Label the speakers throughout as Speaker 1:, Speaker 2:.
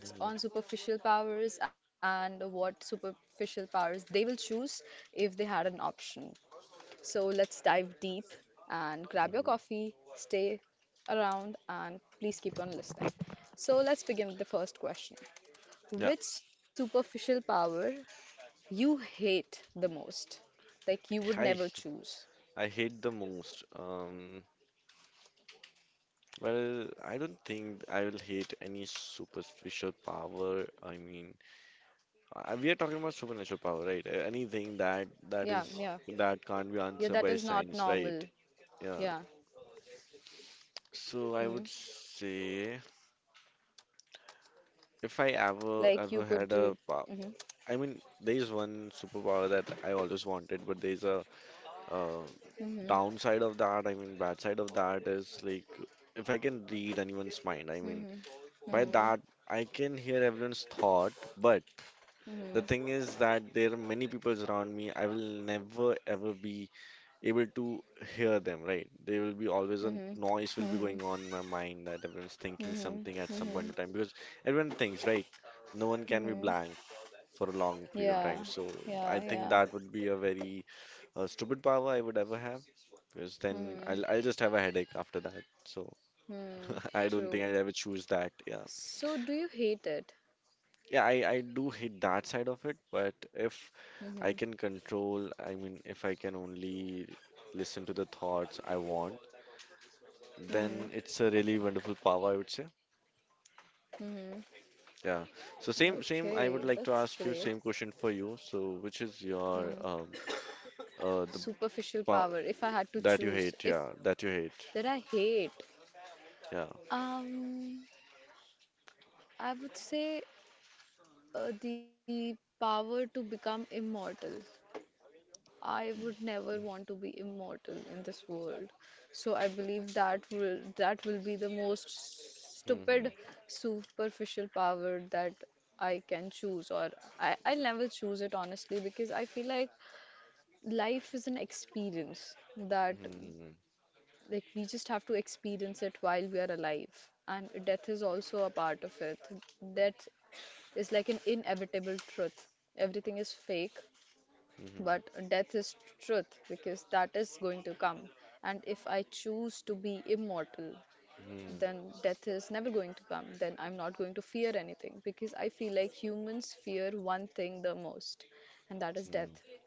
Speaker 1: hmm hmm Yeah, I h- I hate the most. Well, I don't think I will hate any superficial power. I mean, we are talking about supernatural power, right? Anything that is that can't be answered by science, right? Yeah. So I would say if I ever had a power, I mean, there is one superpower that I always wanted, but there's a uh, downside of that, I mean, bad side of that is like if I can read anyone's mind, I mean, by that I can hear everyone's thought, but the thing is that there are many people around me. I will never ever be able to hear them, right? There will be always a noise will be going on in my mind that everyone's thinking something at some point in time because everyone thinks, right? No one can be blank for a long period of time. So I think that would be a very stupid power I would ever have. Because then I'll just have a headache after that. So I don't think I'd ever choose that. Yeah. Yeah, I do hate that side of it, but if I can control, I mean, if I can only listen to the thoughts I want, then it's a really wonderful power, I would say. Yeah. So same, I would like to ask you same question for you. So which is your the pow- that you hate, yeah, that you hate. Yeah. hmm hmm hmm hmm hmm hmm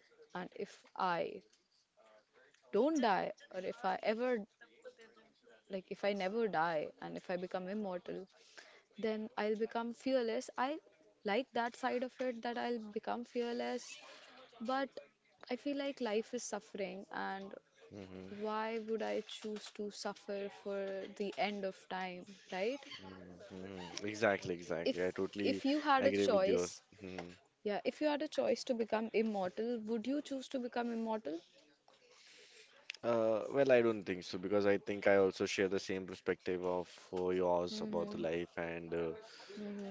Speaker 1: hmm Mhm. Exactly, exactly. I totally agree with you. Mhm. Well, I don't think so because I think I also share the same perspective of yours about the life, and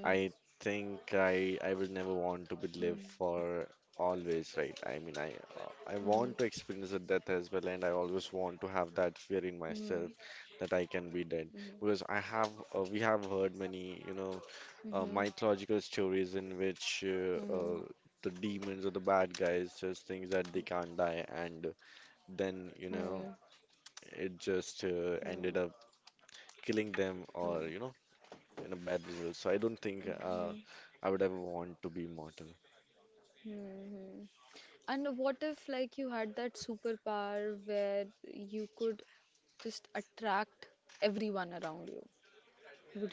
Speaker 1: I think I will never want to be live for always, right? I mean, I want to experience the death as well, and I always want to have that fear in myself that I can be dead because I have, we have heard many you know mythological stories in which the demons or the bad guys just think that they can't die, and then it just ended up killing them or in a bad result. So I don't think I would ever want to be mortal.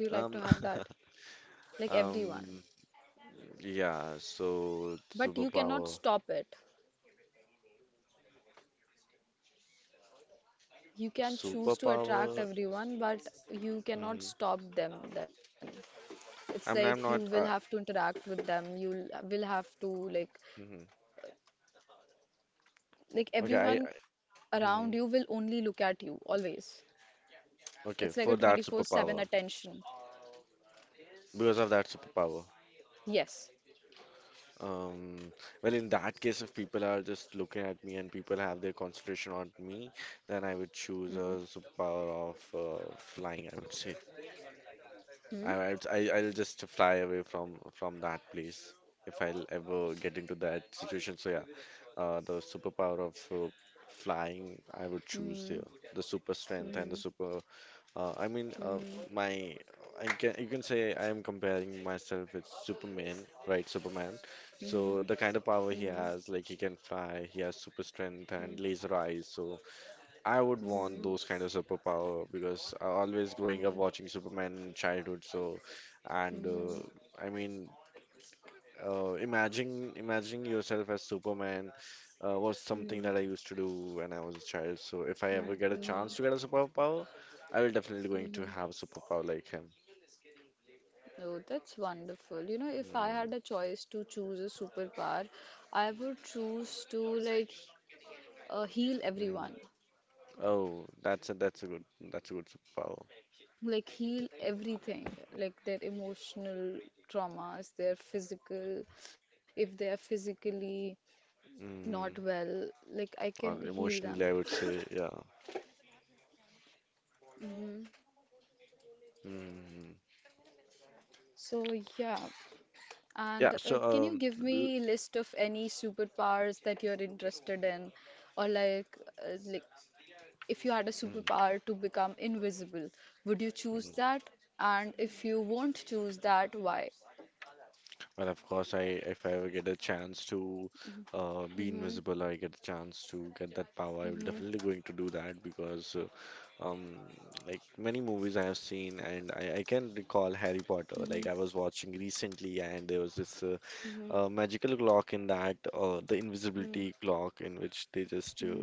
Speaker 1: Um, um, yeah. So superpower. hmm I mean, I'm not. Hmm Okay, I. hmm Okay, for that because of that superpower. Um, well, in that case, if people are just looking at me and people have their concentration on me, then I would choose a superpower of flying, I would say. I'll just fly away from that place if I'll ever get into that situation. So yeah, the superpower of flying I would choose there. The super strength and the super. I mean, my I can, you can say I am comparing myself with Superman, right? Superman. So the kind of power he has, like he can fly, he has super strength and laser eyes. So I would want those kind of superpower because I always growing up watching Superman in childhood. So, and I mean, imagine imagining yourself as Superman was something that I used to do when I was a child. So, if I ever get a chance to get a superpower, I will definitely going to have a superpower like him. Mm, mm. Oh, that's a, that's a good superpower. Mm, or emotionally, I would say, yeah. Mm. Yeah. So, um. l- mm, and of course, I, if I ever get a chance to be invisible, I get a chance to get that power, I will definitely going to do that because um like many movies I have seen, and I can recall Harry Potter. Like I was watching recently, and there was this a magical clock in that, the invisibility clock in which they just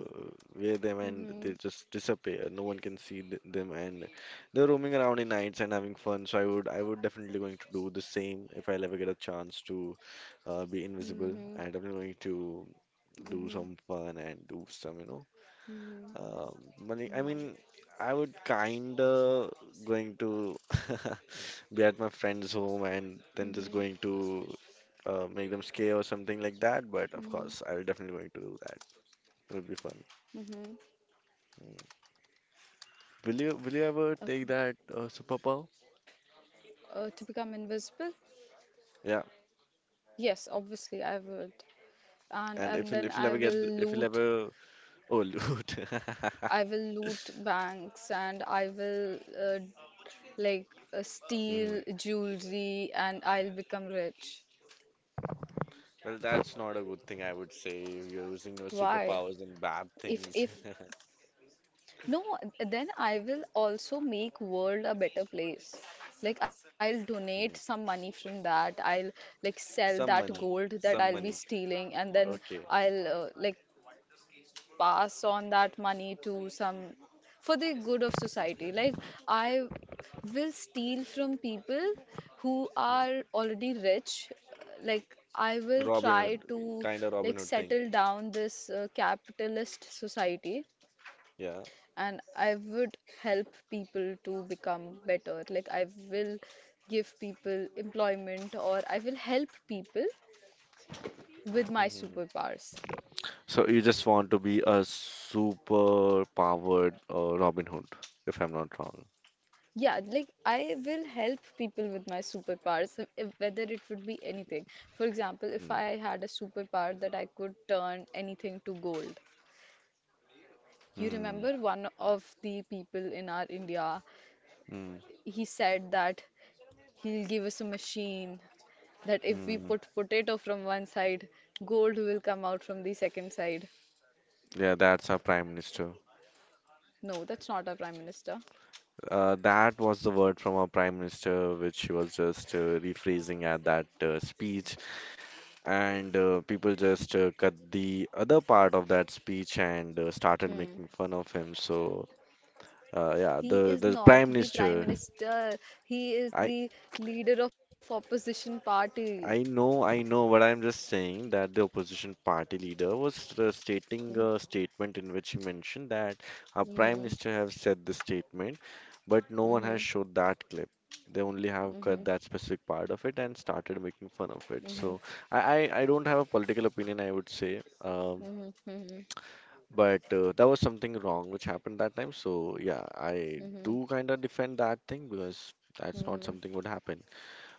Speaker 1: wear them and they just disappear, no one can see them, and they're roaming around in nights and having fun. So I would definitely going to do the same. If I'll ever get a chance to be invisible, I'm definitely going to do some fun and do some money, I mean, I would kinda going to be at my friend's home and then just going to make them scare or something like that. But of course, I'll definitely going to do that. It'll be fun. Will you, ever take that superpower? Yeah. And if you'll ever get if you'll ever, oh, loot. hmm Well, that's not a good thing, I would say, if you're using your superpowers in bad things. Mhm. Some money, some money. Okay. Mm. Robin Hood, kind of Robin Hood thing. Yeah. So you just want to be a super powered Robin Hood, if I'm not wrong. Mm, mm, mm, mm. Yeah, that's our prime minister. That was the word from our prime minister, which she was just rephrasing at that speech, and people just cut the other part of that speech and started making fun of him. So, yeah, the prime minister. I I know, I know, but I'm just saying that the opposition party leader was stating a statement in which he mentioned that our prime minister have said this statement, but no one has showed that clip. They only have cut that specific part of it and started making fun of it. So I, I don't have a political opinion, I would say, but that was something wrong which happened that time. So yeah, I do kind of defend that thing because that's not something would happen.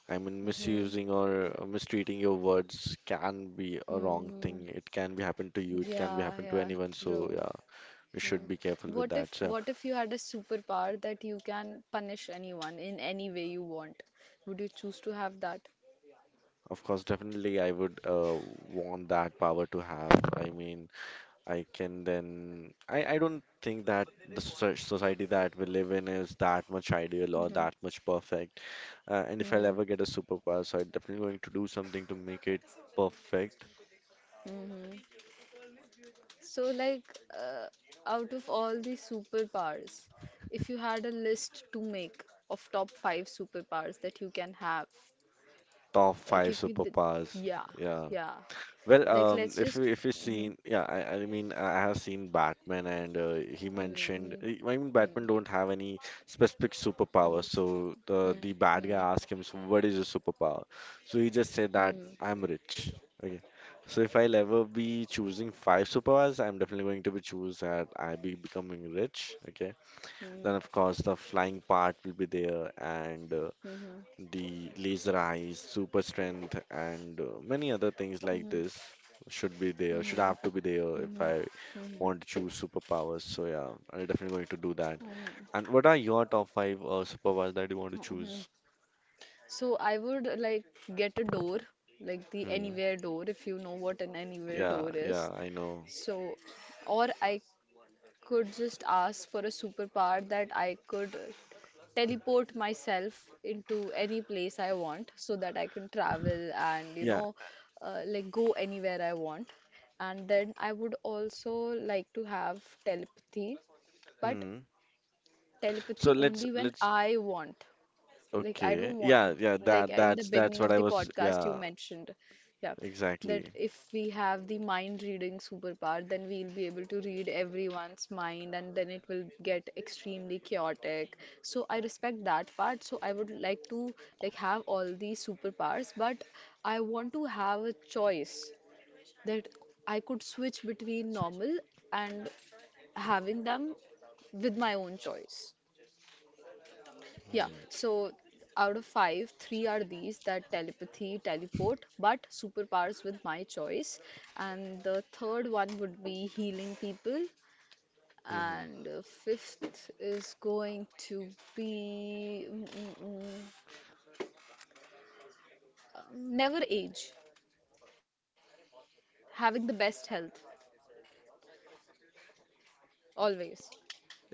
Speaker 1: I mean, misusing or mistreating your words can be a wrong thing. It can be happen to you. It can be happen to anyone. So yeah, we should be careful with that. So of course, definitely, I would want that power to have. I mean, I can then. I don't think that the society that we live in is that much ideal or that much perfect. And if I'll ever get a superpower, so I'm definitely going to do something to make it perfect. Top five superpowers. Yeah. Well, if you, if you've seen, yeah, I mean, I have seen Batman, and he mentioned, I mean, Batman don't have any specific superpower. So the bad guy asked him, so "What is your superpower?" So he just said that I'm rich. Okay, so if I'll ever be choosing five superpowers, I'm definitely going to be choose that I be becoming rich. Okay, then of course the flying part will be there, and the laser eyes, super strength, and many other things like this should be there, should have to be there if I want to choose superpowers. So yeah, I'm definitely going to do that. And what are your top five superpowers that you want to choose? Hmm. Yeah, yeah, I know. Yeah. Hmm. So let's okay. Yeah, yeah, that's what I was, yeah, exactly. Hmm. hmm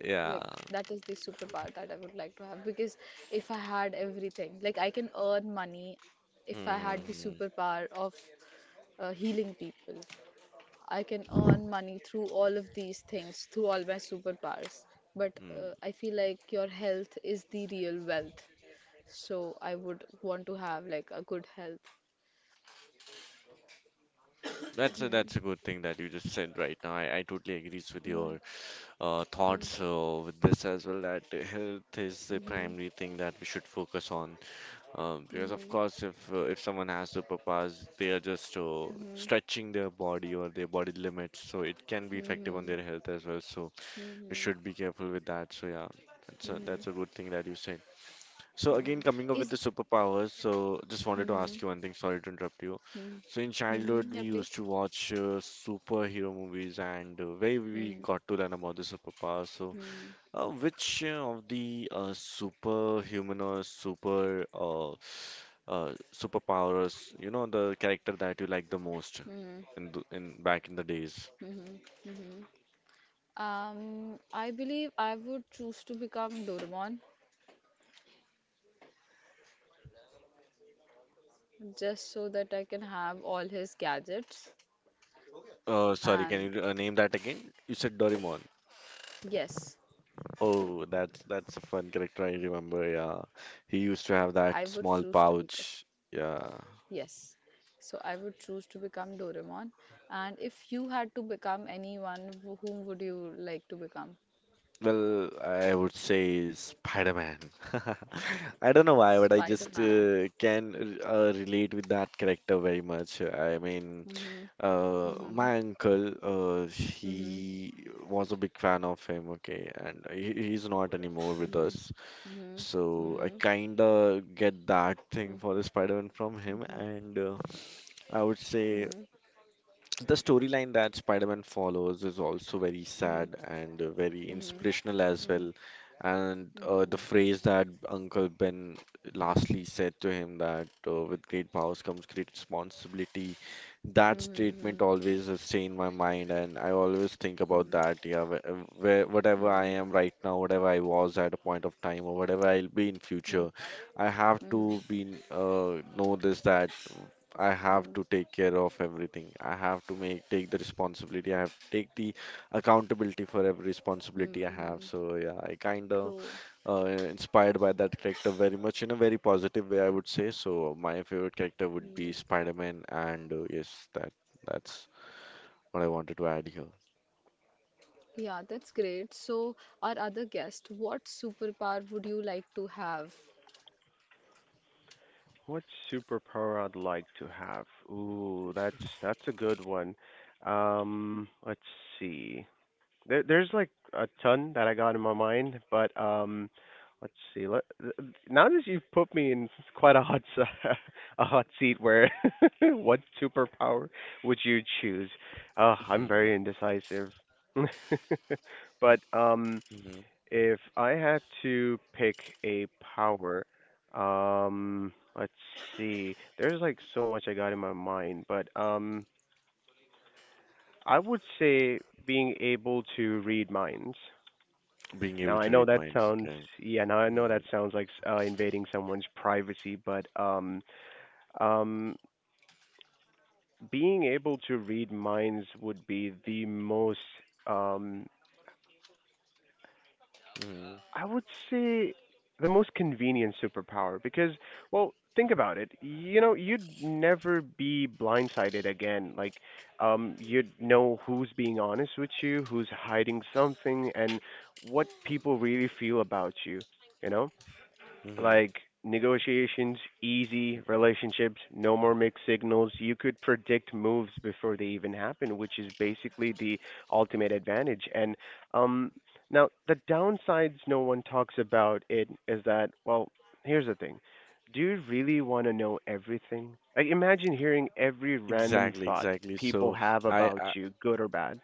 Speaker 1: Yeah. Mm-hmm. That's a good thing that you just said right now. I totally agrees with your thoughts with this as well, that health is the primary thing that we should focus on, because of course, if someone has superpowers, they are just stretching their body or their body limits, so it can be effective on their health as well. So we should be careful with that. So yeah, that's a good thing that you said. So again, coming up with the superpowers, so just wanted to ask you one thing. Sorry to interrupt you. So in childhood, we used to watch superhero movies, and where we got to learn about the superpowers. So, which of the superhuman or super superpowers, the character that you like the most in in back in the days? Sorry, can you name that again? You said Doraemon. Oh, that's, a fun character I remember. Yeah, he used to have that small pouch. Yeah. Well, I would say Spider-Man. I don't know why, but I just can relate with that character very much. I mean, my uncle, he was a big fan of him. Okay, and he's not anymore with us. So I kinda get that thing for the Spider-Man from him, and I would say the storyline that Spider-Man follows is also very sad and very inspirational as well. And The phrase that Uncle Ben lastly said to him that with great powers comes great responsibility, that statement always stay in my mind, and I always think about that. Yeah, wh- where whatever I am right now, whatever I was at a point of time, or whatever I'll be in future, I have to be know this that I have to take care of everything. I have to make take the responsibility. I have to take the accountability for every responsibility I have. So yeah, I kind of inspired by that character very much in a very positive way, I would say. So my favorite character would be Spider-Man, and yes, that's what I wanted to add here.
Speaker 2: What superpower I'd like to have? Ooh, that's a good one. Let's see. There's like a ton that I got in my mind, but let's see. Now that you've put me in quite a hot s- a hot seat, where what superpower would you choose? I'm very
Speaker 1: Mhm.
Speaker 2: indecisive, but
Speaker 1: Mhm.
Speaker 2: if I had to pick a power, let's see. There's like so much I got in my mind, but I would say being able to read minds.
Speaker 1: Being
Speaker 2: Now
Speaker 1: able
Speaker 2: I
Speaker 1: to
Speaker 2: know
Speaker 1: read
Speaker 2: that
Speaker 1: minds.
Speaker 2: sounds
Speaker 1: Okay.
Speaker 2: yeah, now I know that
Speaker 1: Mhm.
Speaker 2: sounds like invading someone's privacy, but um, being able to read minds would be the most um
Speaker 1: Mhm.
Speaker 2: I would say the most convenient superpower because, well, think about it. You know, you'd never be blindsided again. Like, you'd know who's being honest with you, who's hiding something, and what people really feel about you. You know,
Speaker 1: Mhm.
Speaker 2: like negotiations easy, relationships no more mixed signals. You could predict moves before they even happen, which is basically the ultimate advantage. And um now the downsides no one talks about it is that well, here's the thing. Do you really want to know everything? Like imagine hearing every random
Speaker 1: Exactly,
Speaker 2: thought
Speaker 1: exactly.
Speaker 2: people
Speaker 1: So
Speaker 2: have
Speaker 1: I
Speaker 2: about
Speaker 1: I
Speaker 2: you, good or bad.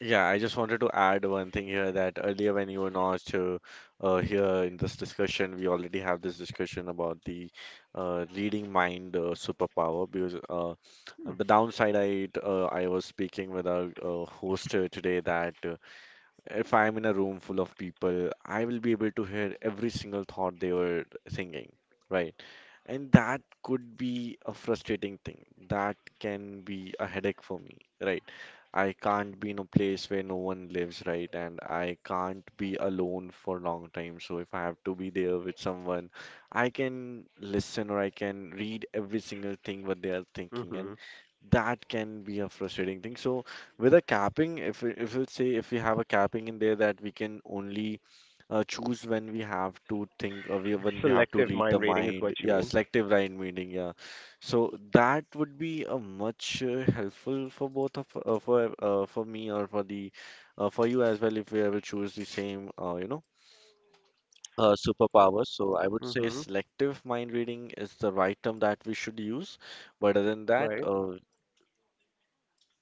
Speaker 1: yeah, I just wanted to add one thing here that earlier when you were not here in this discussion, we already have this discussion about the reading mind superpower because
Speaker 2: Hmm.
Speaker 1: the downside I was speaking with our host today that if I'm in a room full of people, I will be able to hear every single thought they were thinking, right? And that could be a frustrating thing. That can be a headache for me, right? I can't be in a place where no one lives, right? And I can't be alone for a long time. So if I have to be there with someone, I can listen or I can read every single thing what they are thinking. And
Speaker 2: Mhm.
Speaker 1: that can be a frustrating thing. So with a capping, if we say if we have a capping in there that we can only choose when we have to think when we have to
Speaker 2: Selective
Speaker 1: read the
Speaker 2: mind reading is
Speaker 1: mind,
Speaker 2: what you
Speaker 1: yeah,
Speaker 2: mean.
Speaker 1: selective line reading, yeah. So that would be a much helpful for me or for the for you as well if we ever choose the same superpower. So I would say
Speaker 2: Mhm.
Speaker 1: selective mind reading is the right term that we should use. But other than that,
Speaker 2: Right.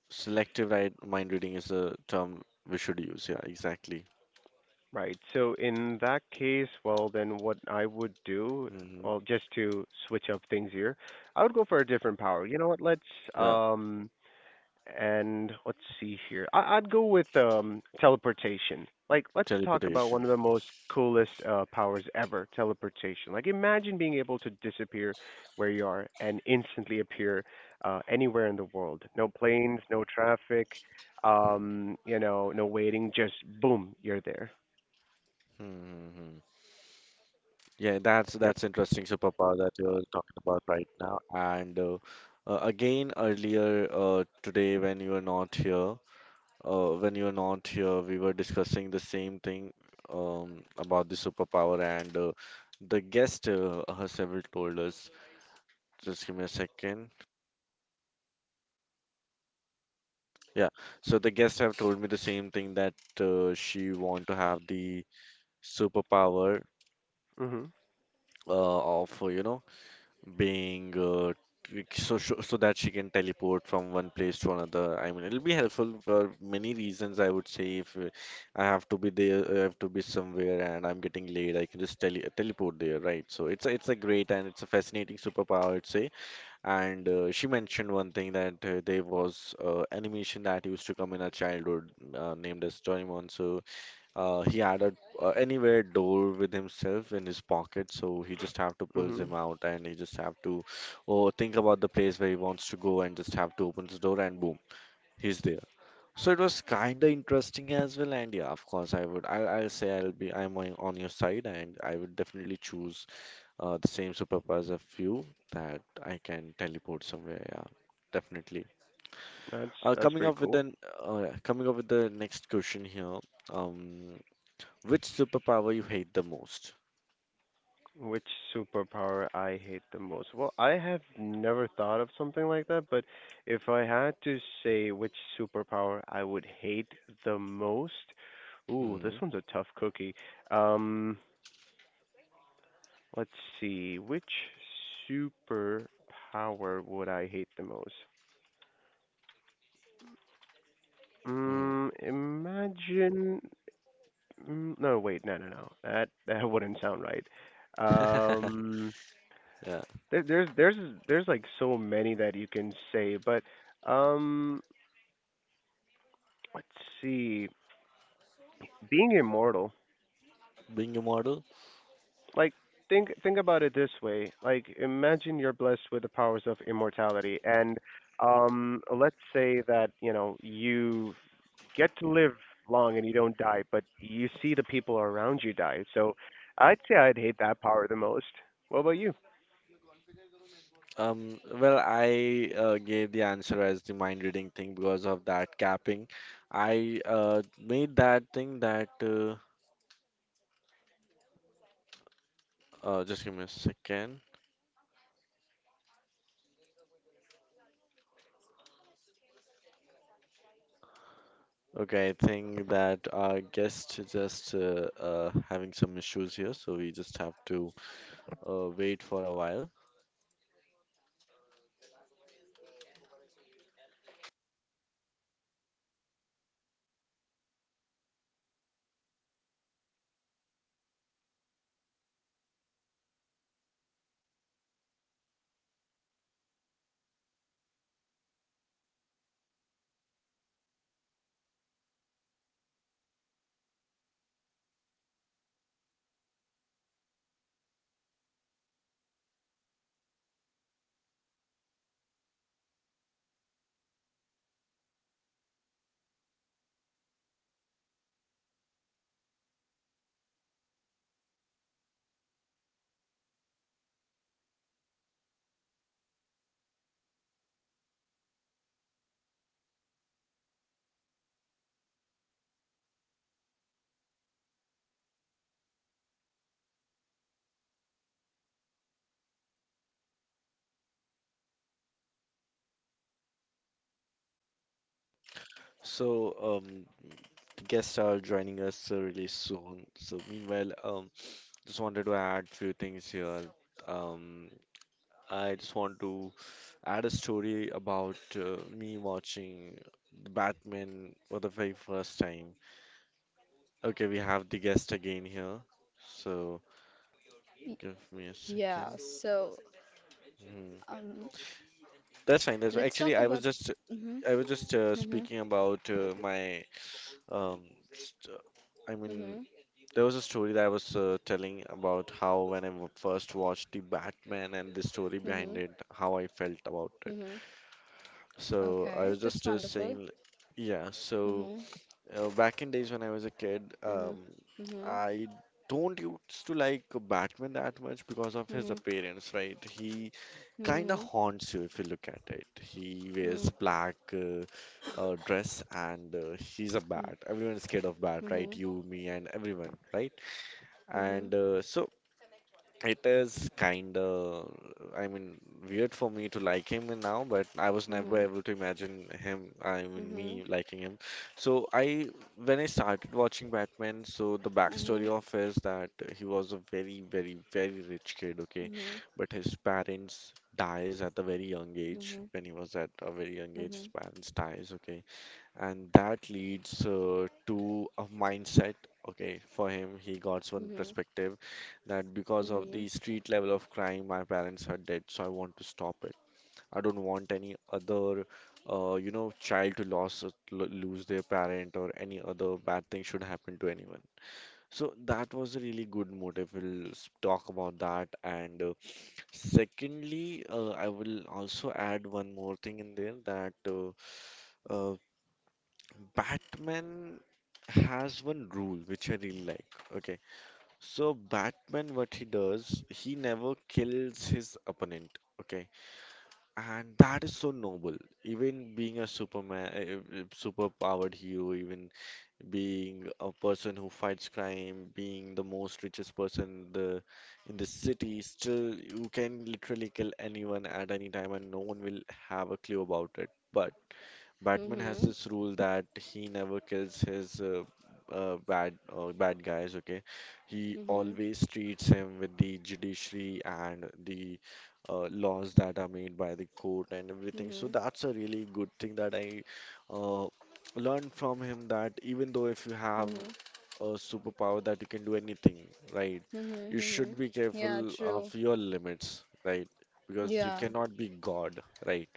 Speaker 1: selective right mind reading is the term we should use. Yeah, exactly.
Speaker 2: Right. So in that case, well, then what I would do,
Speaker 1: Hmm.
Speaker 2: well, just to switch up things here, I would go for a different power. You know what?
Speaker 1: Yeah,
Speaker 2: Um let's see here. I'd go with teleportation. Like let's talk about
Speaker 1: teleportation.
Speaker 2: one of the most coolest powers ever, teleportation. Like imagine being able to disappear where you are and instantly appear anywhere in the world. No planes, no traffic, you know, no waiting, just boom, you're there.
Speaker 1: Mm-hmm. Yeah, that's
Speaker 2: Yep.
Speaker 1: that's interesting superpower that you're talking about right now. And again, earlier today when you were not here, when you were not here, we were discussing the same thing about the superpower, and the guest has several told us. Just give me a second. Yeah, so the guests have told me the same thing that she want to have the superpower
Speaker 2: Mhm.
Speaker 1: of you know being so that she can teleport from one place to another. I mean, it'll be helpful for many reasons. I would say if I have to be there, I have to be somewhere, and I'm getting late, I can just teleport there, right? So it's a great and it's a fascinating superpower, I'd say. And she mentioned one thing that there was animation that used to come in her childhood named as Doraemon. So he had a anywhere door with himself in his pocket. So he just have to pull
Speaker 2: Mhm.
Speaker 1: him out and he just have to oh, think about the place where he wants to go and just have to open his door and boom, he's there. So it was kind of interesting as well. And yeah, of course, I would. I'll say I'll be. I'm on your side and I would definitely choose the same superpowers of you that I can teleport somewhere. Yeah, definitely.
Speaker 2: That's
Speaker 1: Uh,
Speaker 2: that's
Speaker 1: coming
Speaker 2: pretty
Speaker 1: up with
Speaker 2: cool.
Speaker 1: the Coming up with the next question here. Um, which superpower you hate the most?
Speaker 2: Which superpower I hate the most? Well, I have never thought of something like that, but if I had to say which superpower I would hate the most, ooh,
Speaker 1: Mm.
Speaker 2: this one's a tough cookie. Um, let's see, which superpower would I hate the most?
Speaker 1: Mm.
Speaker 2: Imagine. No, wait, no, no, no. That wouldn't sound right. Um,
Speaker 1: Yeah,
Speaker 2: There, there's there's there's like so many that you can say, but um, let's see. Being immortal,
Speaker 1: being immortal.
Speaker 2: like think about it this way. Like imagine you're blessed with the powers of immortality, and let's say that you know you get to live long and you don't die, but you see the people around you die. So I'd say I'd hate that power the most. What about you?
Speaker 1: Well, I gave the answer as the mind reading thing because of that capping. I made that thing that just give me a second. Okay, I think that our guest is just having some issues here, so we just have to wait for a while. So, um, the guests are joining us really soon. So, meanwhile, just wanted to add few things here. Um, I just want to add a story about me watching Batman for the very first time. Okay, we have the guest again here. So,
Speaker 3: Y-
Speaker 1: give me a
Speaker 3: Yeah,
Speaker 1: second.
Speaker 3: so
Speaker 1: Hmm.
Speaker 3: um,
Speaker 1: That's fine. That's
Speaker 3: let's
Speaker 1: actually
Speaker 3: talk about. Mm-hmm,
Speaker 1: I was just
Speaker 3: mm-hmm,
Speaker 1: speaking about my um st I
Speaker 3: mm-hmm,
Speaker 1: mean there was a story that I was telling about how when I first watched the Batman and the
Speaker 3: mm-hmm,
Speaker 1: story behind it, how I felt about it.
Speaker 3: mm-hmm.
Speaker 1: So
Speaker 3: Okay,
Speaker 1: I was
Speaker 3: that's
Speaker 1: just
Speaker 3: wonderful.
Speaker 1: saying, yeah. So
Speaker 3: Mm-hmm,
Speaker 1: back in days when I was a kid,
Speaker 3: mm-hmm, mm-hmm,
Speaker 1: I don't used to like Batman that much because of his
Speaker 3: mm-hmm,
Speaker 1: appearance, right? He kind
Speaker 3: mm-hmm,
Speaker 1: of haunts you if you look at it. He wears black dress and he's a bat. Everyone is scared of
Speaker 3: mm-hmm,
Speaker 1: bat,
Speaker 3: mm-hmm, mm-hmm, mm-hmm, mm-hmm, mm-hmm, mm-hmm,
Speaker 1: right?
Speaker 3: mm-hmm,
Speaker 1: You, me, and everyone, right?
Speaker 3: mm-hmm,
Speaker 1: And so it is kind of, I mean, weird for me to like him and now, but
Speaker 3: mm-hmm,
Speaker 1: I
Speaker 3: mm-hmm,
Speaker 1: was never able to imagine him, I
Speaker 3: mhm,
Speaker 1: mean, me liking him. So when I started watching Batman, so the
Speaker 3: hmm
Speaker 1: backstory of is that he was a very, very, very rich kid,
Speaker 3: mhm,
Speaker 1: okay? But his parents dies at a very young age. When he was at a very young age, his parents dies, okay? And that leads to a mindset, okay, for him. He got one perspective that because of the street level of crime, my parents are dead, so I want to stop it. I don't want any other child to lose their parent or any other bad thing should happen to anyone. So that was a really good motive talk about that. And secondly, I will also add one more thing in there that uh, Batman has one rule which I really like. Okay. So Batman, what he does, he never kills his opponent. Okay. And that is so noble. Even being a Superman, super powered hero, even being a person who fights crime, being the most richest person in the city, still you can literally kill anyone at any time and no one will have a clue about it. But Batman has this rule that he never kills his bad guys. Okay, he always treats him with the judiciary and the laws that are made by the court and everything. So that's a really good thing that I uh, learned from him. That even though if you
Speaker 3: mhm,
Speaker 1: have a superpower that you can do anything, right, you
Speaker 3: mhm.
Speaker 1: should be
Speaker 3: Yeah,
Speaker 1: careful of
Speaker 3: true.
Speaker 1: your limits, right, because you
Speaker 3: Yeah,
Speaker 1: cannot be God, right.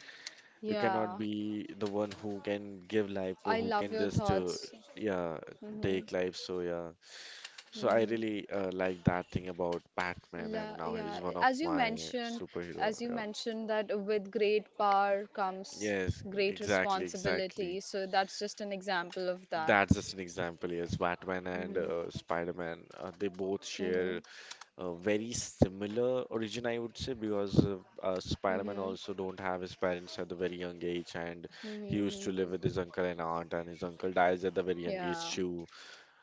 Speaker 1: You cannot
Speaker 3: yeah.
Speaker 1: be the one who can give life
Speaker 3: I
Speaker 1: or who
Speaker 3: love
Speaker 1: can
Speaker 3: your
Speaker 1: just
Speaker 3: thoughts.
Speaker 1: yeah,
Speaker 3: Mm-hmm.
Speaker 1: take life. So yeah, so I
Speaker 3: Mhm.
Speaker 1: really like that thing about Batman, and now
Speaker 3: Yeah,
Speaker 1: he's one of my superhero.
Speaker 3: as you
Speaker 1: Yeah.
Speaker 3: mentioned that with great power comes
Speaker 1: Yes,
Speaker 3: great
Speaker 1: exactly, exactly.
Speaker 3: responsibility. So that's just an example of that.
Speaker 1: That's just an example. Yes, Batman and
Speaker 3: Mhm.
Speaker 1: Spider-Man, they both share
Speaker 3: Mhm.
Speaker 1: very similar origin, I would say, because Spider-Man
Speaker 3: Mhm.
Speaker 1: also don't have his parents at the very young age, and he
Speaker 3: Mhm.
Speaker 1: used to live with
Speaker 3: Mhm.
Speaker 1: his uncle and aunt, and his uncle dies at the very young age
Speaker 3: Yeah.
Speaker 1: too.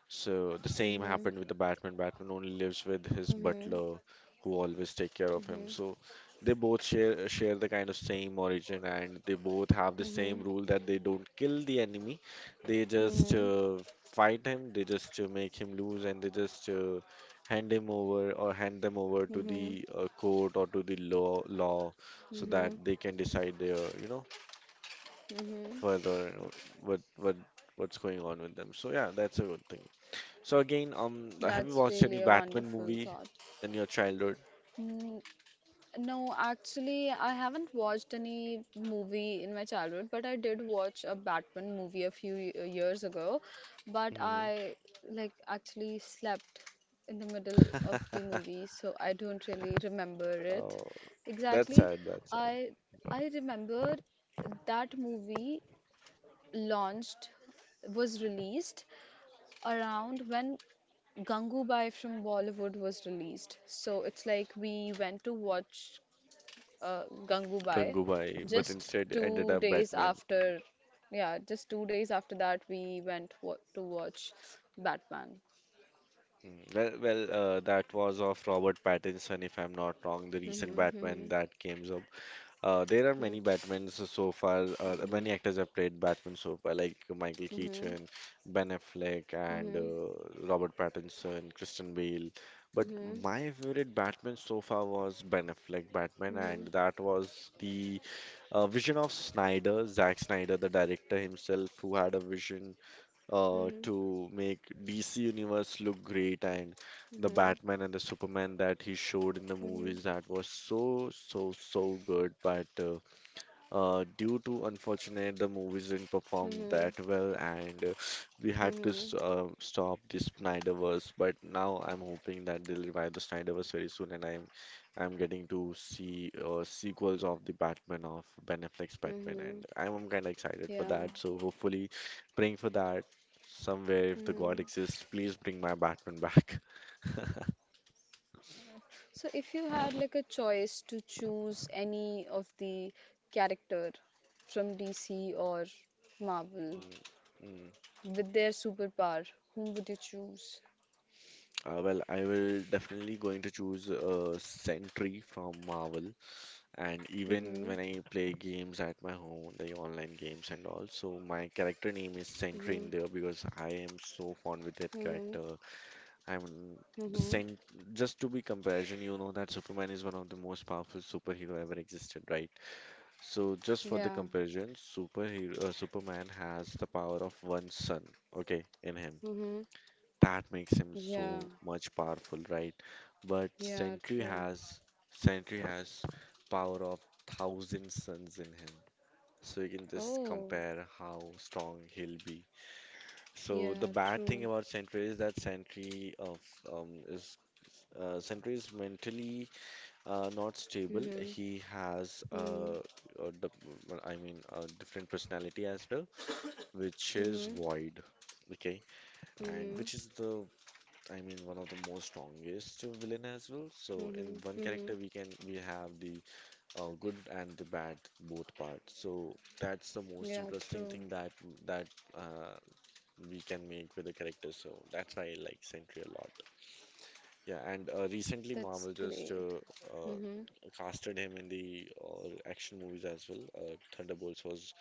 Speaker 1: So the same happened
Speaker 3: Mhm.
Speaker 1: with the Batman. Batman only lives with his
Speaker 3: Mhm.
Speaker 1: butler, who always take care of him.
Speaker 3: Mhm.
Speaker 1: So they both share the kind of same origin, and they both have the same
Speaker 3: Mhm.
Speaker 1: rule that they don't kill the enemy. They just
Speaker 3: Mhm.
Speaker 1: fight him. They just make him lose, and they just hand him over or hand them over to
Speaker 3: Mhm.
Speaker 1: the court or to the law, so that
Speaker 3: Mhm.
Speaker 1: they can decide their, you know,
Speaker 3: Mhm.
Speaker 1: further what what what's going on with them. So yeah, that's a good thing. So again,
Speaker 3: That's
Speaker 1: have you
Speaker 3: really
Speaker 1: watched
Speaker 3: a
Speaker 1: any Batman
Speaker 3: wonderful
Speaker 1: movie
Speaker 3: thought.
Speaker 1: in your childhood?
Speaker 3: Mm, no, actually, I haven't watched any movie in my childhood, but I did watch a Batman movie a few years ago. But
Speaker 1: Hmm.
Speaker 3: I like actually slept in the middle of the movie, so I don't really remember it
Speaker 1: Oh, that's
Speaker 3: exactly.
Speaker 1: sad. That's sad.
Speaker 3: I I remember that movie launched was released around when Gangubai from Bollywood was released. So it's like we went to watch Gangubai
Speaker 1: Gangubai, but
Speaker 3: just
Speaker 1: instead ended
Speaker 3: two
Speaker 1: up
Speaker 3: days
Speaker 1: Batman.
Speaker 3: after, yeah, just 2 days after that, we went wa to watch Batman.
Speaker 1: Hmm. Well, well, that was of Robert Pattinson, if I'm not wrong, the recent Batman that came up. There are many
Speaker 3: Mhm,
Speaker 1: Batmans so far. Many actors have played Batman so far, like Michael
Speaker 3: mhm,
Speaker 1: Keaton, Ben Affleck, and
Speaker 3: mhm,
Speaker 1: Robert Pattinson, Christian Bale. But
Speaker 3: mhm,
Speaker 1: my favorite Batman so far was Ben Affleck Batman, and
Speaker 3: mhm,
Speaker 1: that was the vision of Snyder, Zack Snyder, the director himself, who had a vision
Speaker 3: mhm,
Speaker 1: to make DC Universe look great, and
Speaker 3: mhm,
Speaker 1: the Batman and the Superman that he showed in the
Speaker 3: mhm,
Speaker 1: movies, that was so good, but due to unfortunate, the movies didn't perform
Speaker 3: mhm,
Speaker 1: that well, and we had to
Speaker 3: mhm,
Speaker 1: stop the Snyderverse. But now I'm hoping that they'll revive the Snyderverse very soon, and I'm getting to see sequels of the Batman, of Ben Affleck's Batman,
Speaker 3: mhm,
Speaker 1: and I'm kind of excited for
Speaker 3: yeah.
Speaker 1: that. So hopefully, praying for that, somewhere if the God
Speaker 3: Mhm.
Speaker 1: exists, please bring my Batman back.
Speaker 3: So if you had like a choice to choose any of the character from DC or Marvel
Speaker 1: Mm, mm.
Speaker 3: with their superpower, whom would you choose?
Speaker 1: Well, I will definitely going to choose Sentry from Marvel. And even
Speaker 3: Mhm.
Speaker 1: when I play games at my home, the online games and all, so my character name is Sentry in
Speaker 3: Mhm.
Speaker 1: there because I am so fond with that
Speaker 3: Mhm.
Speaker 1: character. I'm the
Speaker 3: Mhm.
Speaker 1: Sent Just to be comparison, you know that Superman is one of the most powerful superhero ever existed, right? So just for the
Speaker 3: Yeah.
Speaker 1: comparison, superhero Superman has the power of one sun, okay, in him,
Speaker 3: Mhm.
Speaker 1: that makes him
Speaker 3: Yeah.
Speaker 1: so much powerful, right? But
Speaker 3: Yeah. True.
Speaker 1: Sentry has power of thousand suns in him. So you can just
Speaker 3: Oh.
Speaker 1: compare how strong he'll be. So
Speaker 3: Yeah.
Speaker 1: the bad thing
Speaker 3: True.
Speaker 1: about Sentry is that um is Sentry is mentally not stable.
Speaker 3: Mhm.
Speaker 1: He has
Speaker 3: Mhm.
Speaker 1: uh the, well, I mean, a different personality as well, which is
Speaker 3: Mhm.
Speaker 1: void. Okay, and
Speaker 3: Mhm.
Speaker 1: which is the, I mean, one of the most strongest villain as well. So in
Speaker 3: Mhm.
Speaker 1: one
Speaker 3: Mhm.
Speaker 1: character, we have the good and the bad both parts. So that's the most
Speaker 3: Yeah.
Speaker 1: interesting
Speaker 3: True.
Speaker 1: thing that that uh, we can make with the character. So that's why I like Sentry a lot. Yeah, and recently
Speaker 3: That's
Speaker 1: Marvel just
Speaker 3: great.
Speaker 1: uh,
Speaker 3: Mhm.
Speaker 1: casted him in the action movies as well. Thunderbolts was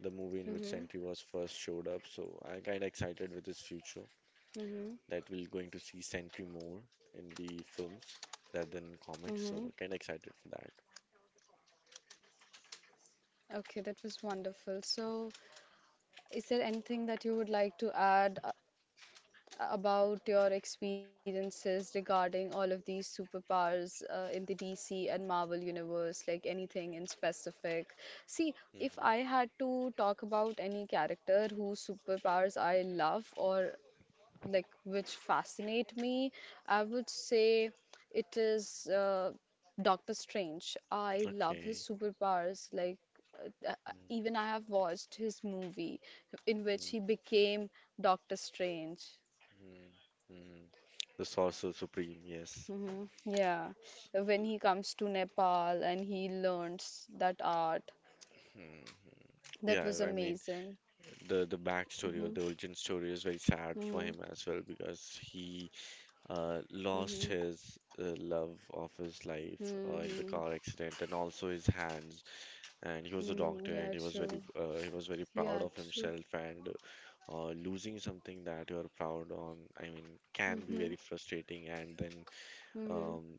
Speaker 1: the movie in which
Speaker 3: Mhm.
Speaker 1: Sentry was first showed up. So I'm kind of excited with his future,
Speaker 3: Mhm.
Speaker 1: that we're going to see Sentry more in the films rather than in comics.
Speaker 3: Mhm.
Speaker 1: So we're kind of excited for that.
Speaker 3: Okay, that was wonderful. So, is there anything that you would like to add about your experiences regarding all of these superpowers in the DC and Marvel universe, like anything in specific. See, if
Speaker 1: Hmm.
Speaker 3: I had to talk about any character whose superpowers I love or like which fascinate me, I would say it is Doctor Strange. I love his
Speaker 1: Okay.
Speaker 3: superpowers, like even I have watched his movie in which
Speaker 1: Hmm.
Speaker 3: he became Doctor Strange.
Speaker 1: Hmm. Hmm. The Sorcerer Supreme, yes.
Speaker 3: Hmm, yeah, when he comes to Nepal and he learns that art,
Speaker 1: Hmm.
Speaker 3: that
Speaker 1: Yeah,
Speaker 3: was
Speaker 1: I mean,
Speaker 3: amazing.
Speaker 1: the backstory or
Speaker 3: Mm-hmm.
Speaker 1: the origin story is very sad for
Speaker 3: Mm-hmm.
Speaker 1: him as well, because he lost
Speaker 3: Mm-hmm.
Speaker 1: his love of his life in the
Speaker 3: Mm-hmm.
Speaker 1: car accident, and also his hands, and he was a
Speaker 3: Mm-hmm.
Speaker 1: doctor and
Speaker 3: Yeah, true.
Speaker 1: he was very proud
Speaker 3: Yeah,
Speaker 1: of
Speaker 3: true.
Speaker 1: himself, and losing something that you're proud on, I mean, can be
Speaker 3: Mm-hmm.
Speaker 1: very frustrating, and then
Speaker 3: Mm-hmm.
Speaker 1: um,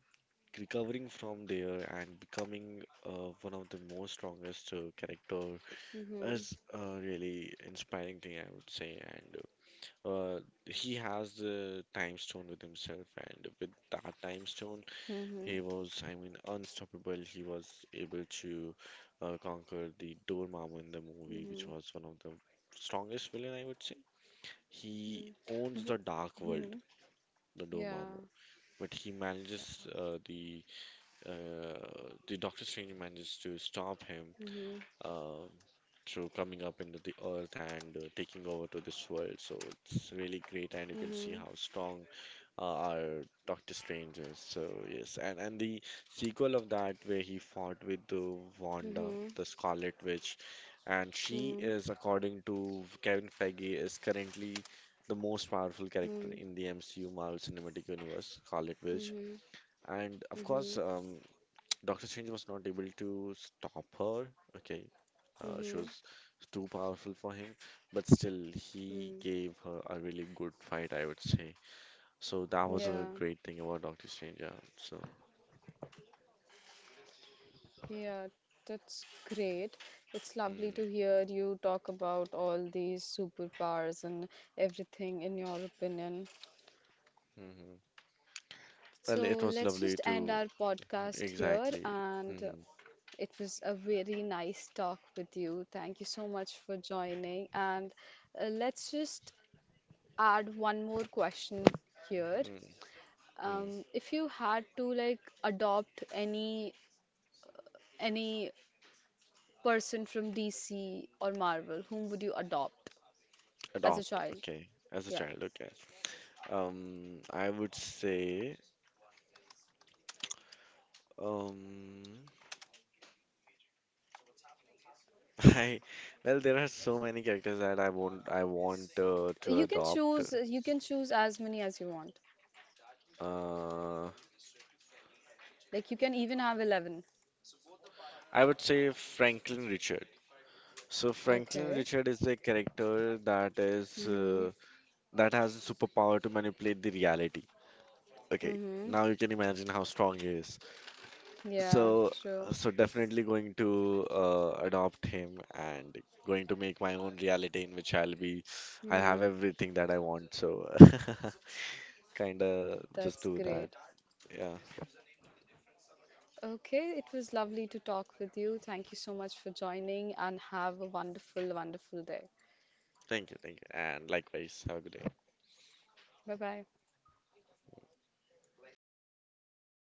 Speaker 1: recovering from there and becoming one of the most strongest character
Speaker 3: Mm-hmm.
Speaker 1: is a really inspiring thing, I would say. And uh, he has the time stone with himself, and with that time stone
Speaker 3: Mm-hmm.
Speaker 1: he was, I mean, unstoppable. He was able to conquer the Dormammu in the movie, which was one of the strongest villain, I would say.
Speaker 3: Mm-hmm.
Speaker 1: He
Speaker 3: Mm-hmm.
Speaker 1: owns the dark
Speaker 3: Mm-hmm.
Speaker 1: world, the Dormammu,
Speaker 3: Yeah.
Speaker 1: but he manages uh, the Doctor Strange manages to stop him,
Speaker 3: Mm-hmm.
Speaker 1: uh, through coming up into the earth and taking over to this world. So it's really great, and you can see
Speaker 3: Mm-hmm.
Speaker 1: how strong our Doctor Strange is. So yes, and the sequel of that, where he fought with the Wanda,
Speaker 3: Mm-hmm.
Speaker 1: the Scarlet Witch, and she
Speaker 3: Mm-hmm.
Speaker 1: is, according to Kevin Feige, is currently the most powerful character
Speaker 3: Mm-hmm.
Speaker 1: in the MCU, Marvel Cinematic Universe, Scarlet Witch. And of course,
Speaker 3: Mm-hmm.
Speaker 1: Doctor Strange was not able to stop her. Okay, she
Speaker 3: Mm-hmm.
Speaker 1: was too powerful for him, but still, he
Speaker 3: Mm-hmm.
Speaker 1: gave her a really good fight, I would say. So that was a
Speaker 3: Yeah.
Speaker 1: great thing about Doctor Strange. Yeah. So,
Speaker 3: Yeah, that's great. It's lovely to
Speaker 1: mm,
Speaker 3: hear you talk about all these superpowers and everything in your opinion.
Speaker 1: hmm. Well,
Speaker 3: So
Speaker 1: it was
Speaker 3: let's
Speaker 1: lovely
Speaker 3: just end
Speaker 1: to,
Speaker 3: our podcast here.
Speaker 1: exactly,
Speaker 3: And
Speaker 1: mm,
Speaker 3: it was a very nice talk with you. Thank you so much for joining. And let's just add one more question here.
Speaker 1: mm, mm.
Speaker 3: If you had to like adopt any person from DC or Marvel, whom would you adopt? As a
Speaker 1: Adopt.
Speaker 3: child.
Speaker 1: Okay, as a
Speaker 3: Yeah.
Speaker 1: child. Okay. I would say, um, I, well, there are so many characters that I want to adopt.
Speaker 3: You can choose as many as you want.
Speaker 1: Uh,
Speaker 3: Like you can even have 11.
Speaker 1: I would say Franklin Richard. So Franklin
Speaker 3: Okay.
Speaker 1: Richard is a character that is
Speaker 3: Mm-hmm.
Speaker 1: that has a superpower to manipulate the reality. Okay,
Speaker 3: Mm-hmm.
Speaker 1: now you can imagine how strong he is.
Speaker 3: Yeah,
Speaker 1: So
Speaker 3: true.
Speaker 1: so definitely going to adopt him and going to make my own reality in which I'll have
Speaker 3: Mm-hmm.
Speaker 1: everything that I want. So kind of just
Speaker 3: That's
Speaker 1: do that.
Speaker 3: great.
Speaker 1: Yeah.
Speaker 3: Okay, it was lovely to talk with you. Thank you so much for joining and have a wonderful, wonderful day.
Speaker 1: Thank you. And likewise, have a good day.
Speaker 3: Bye bye.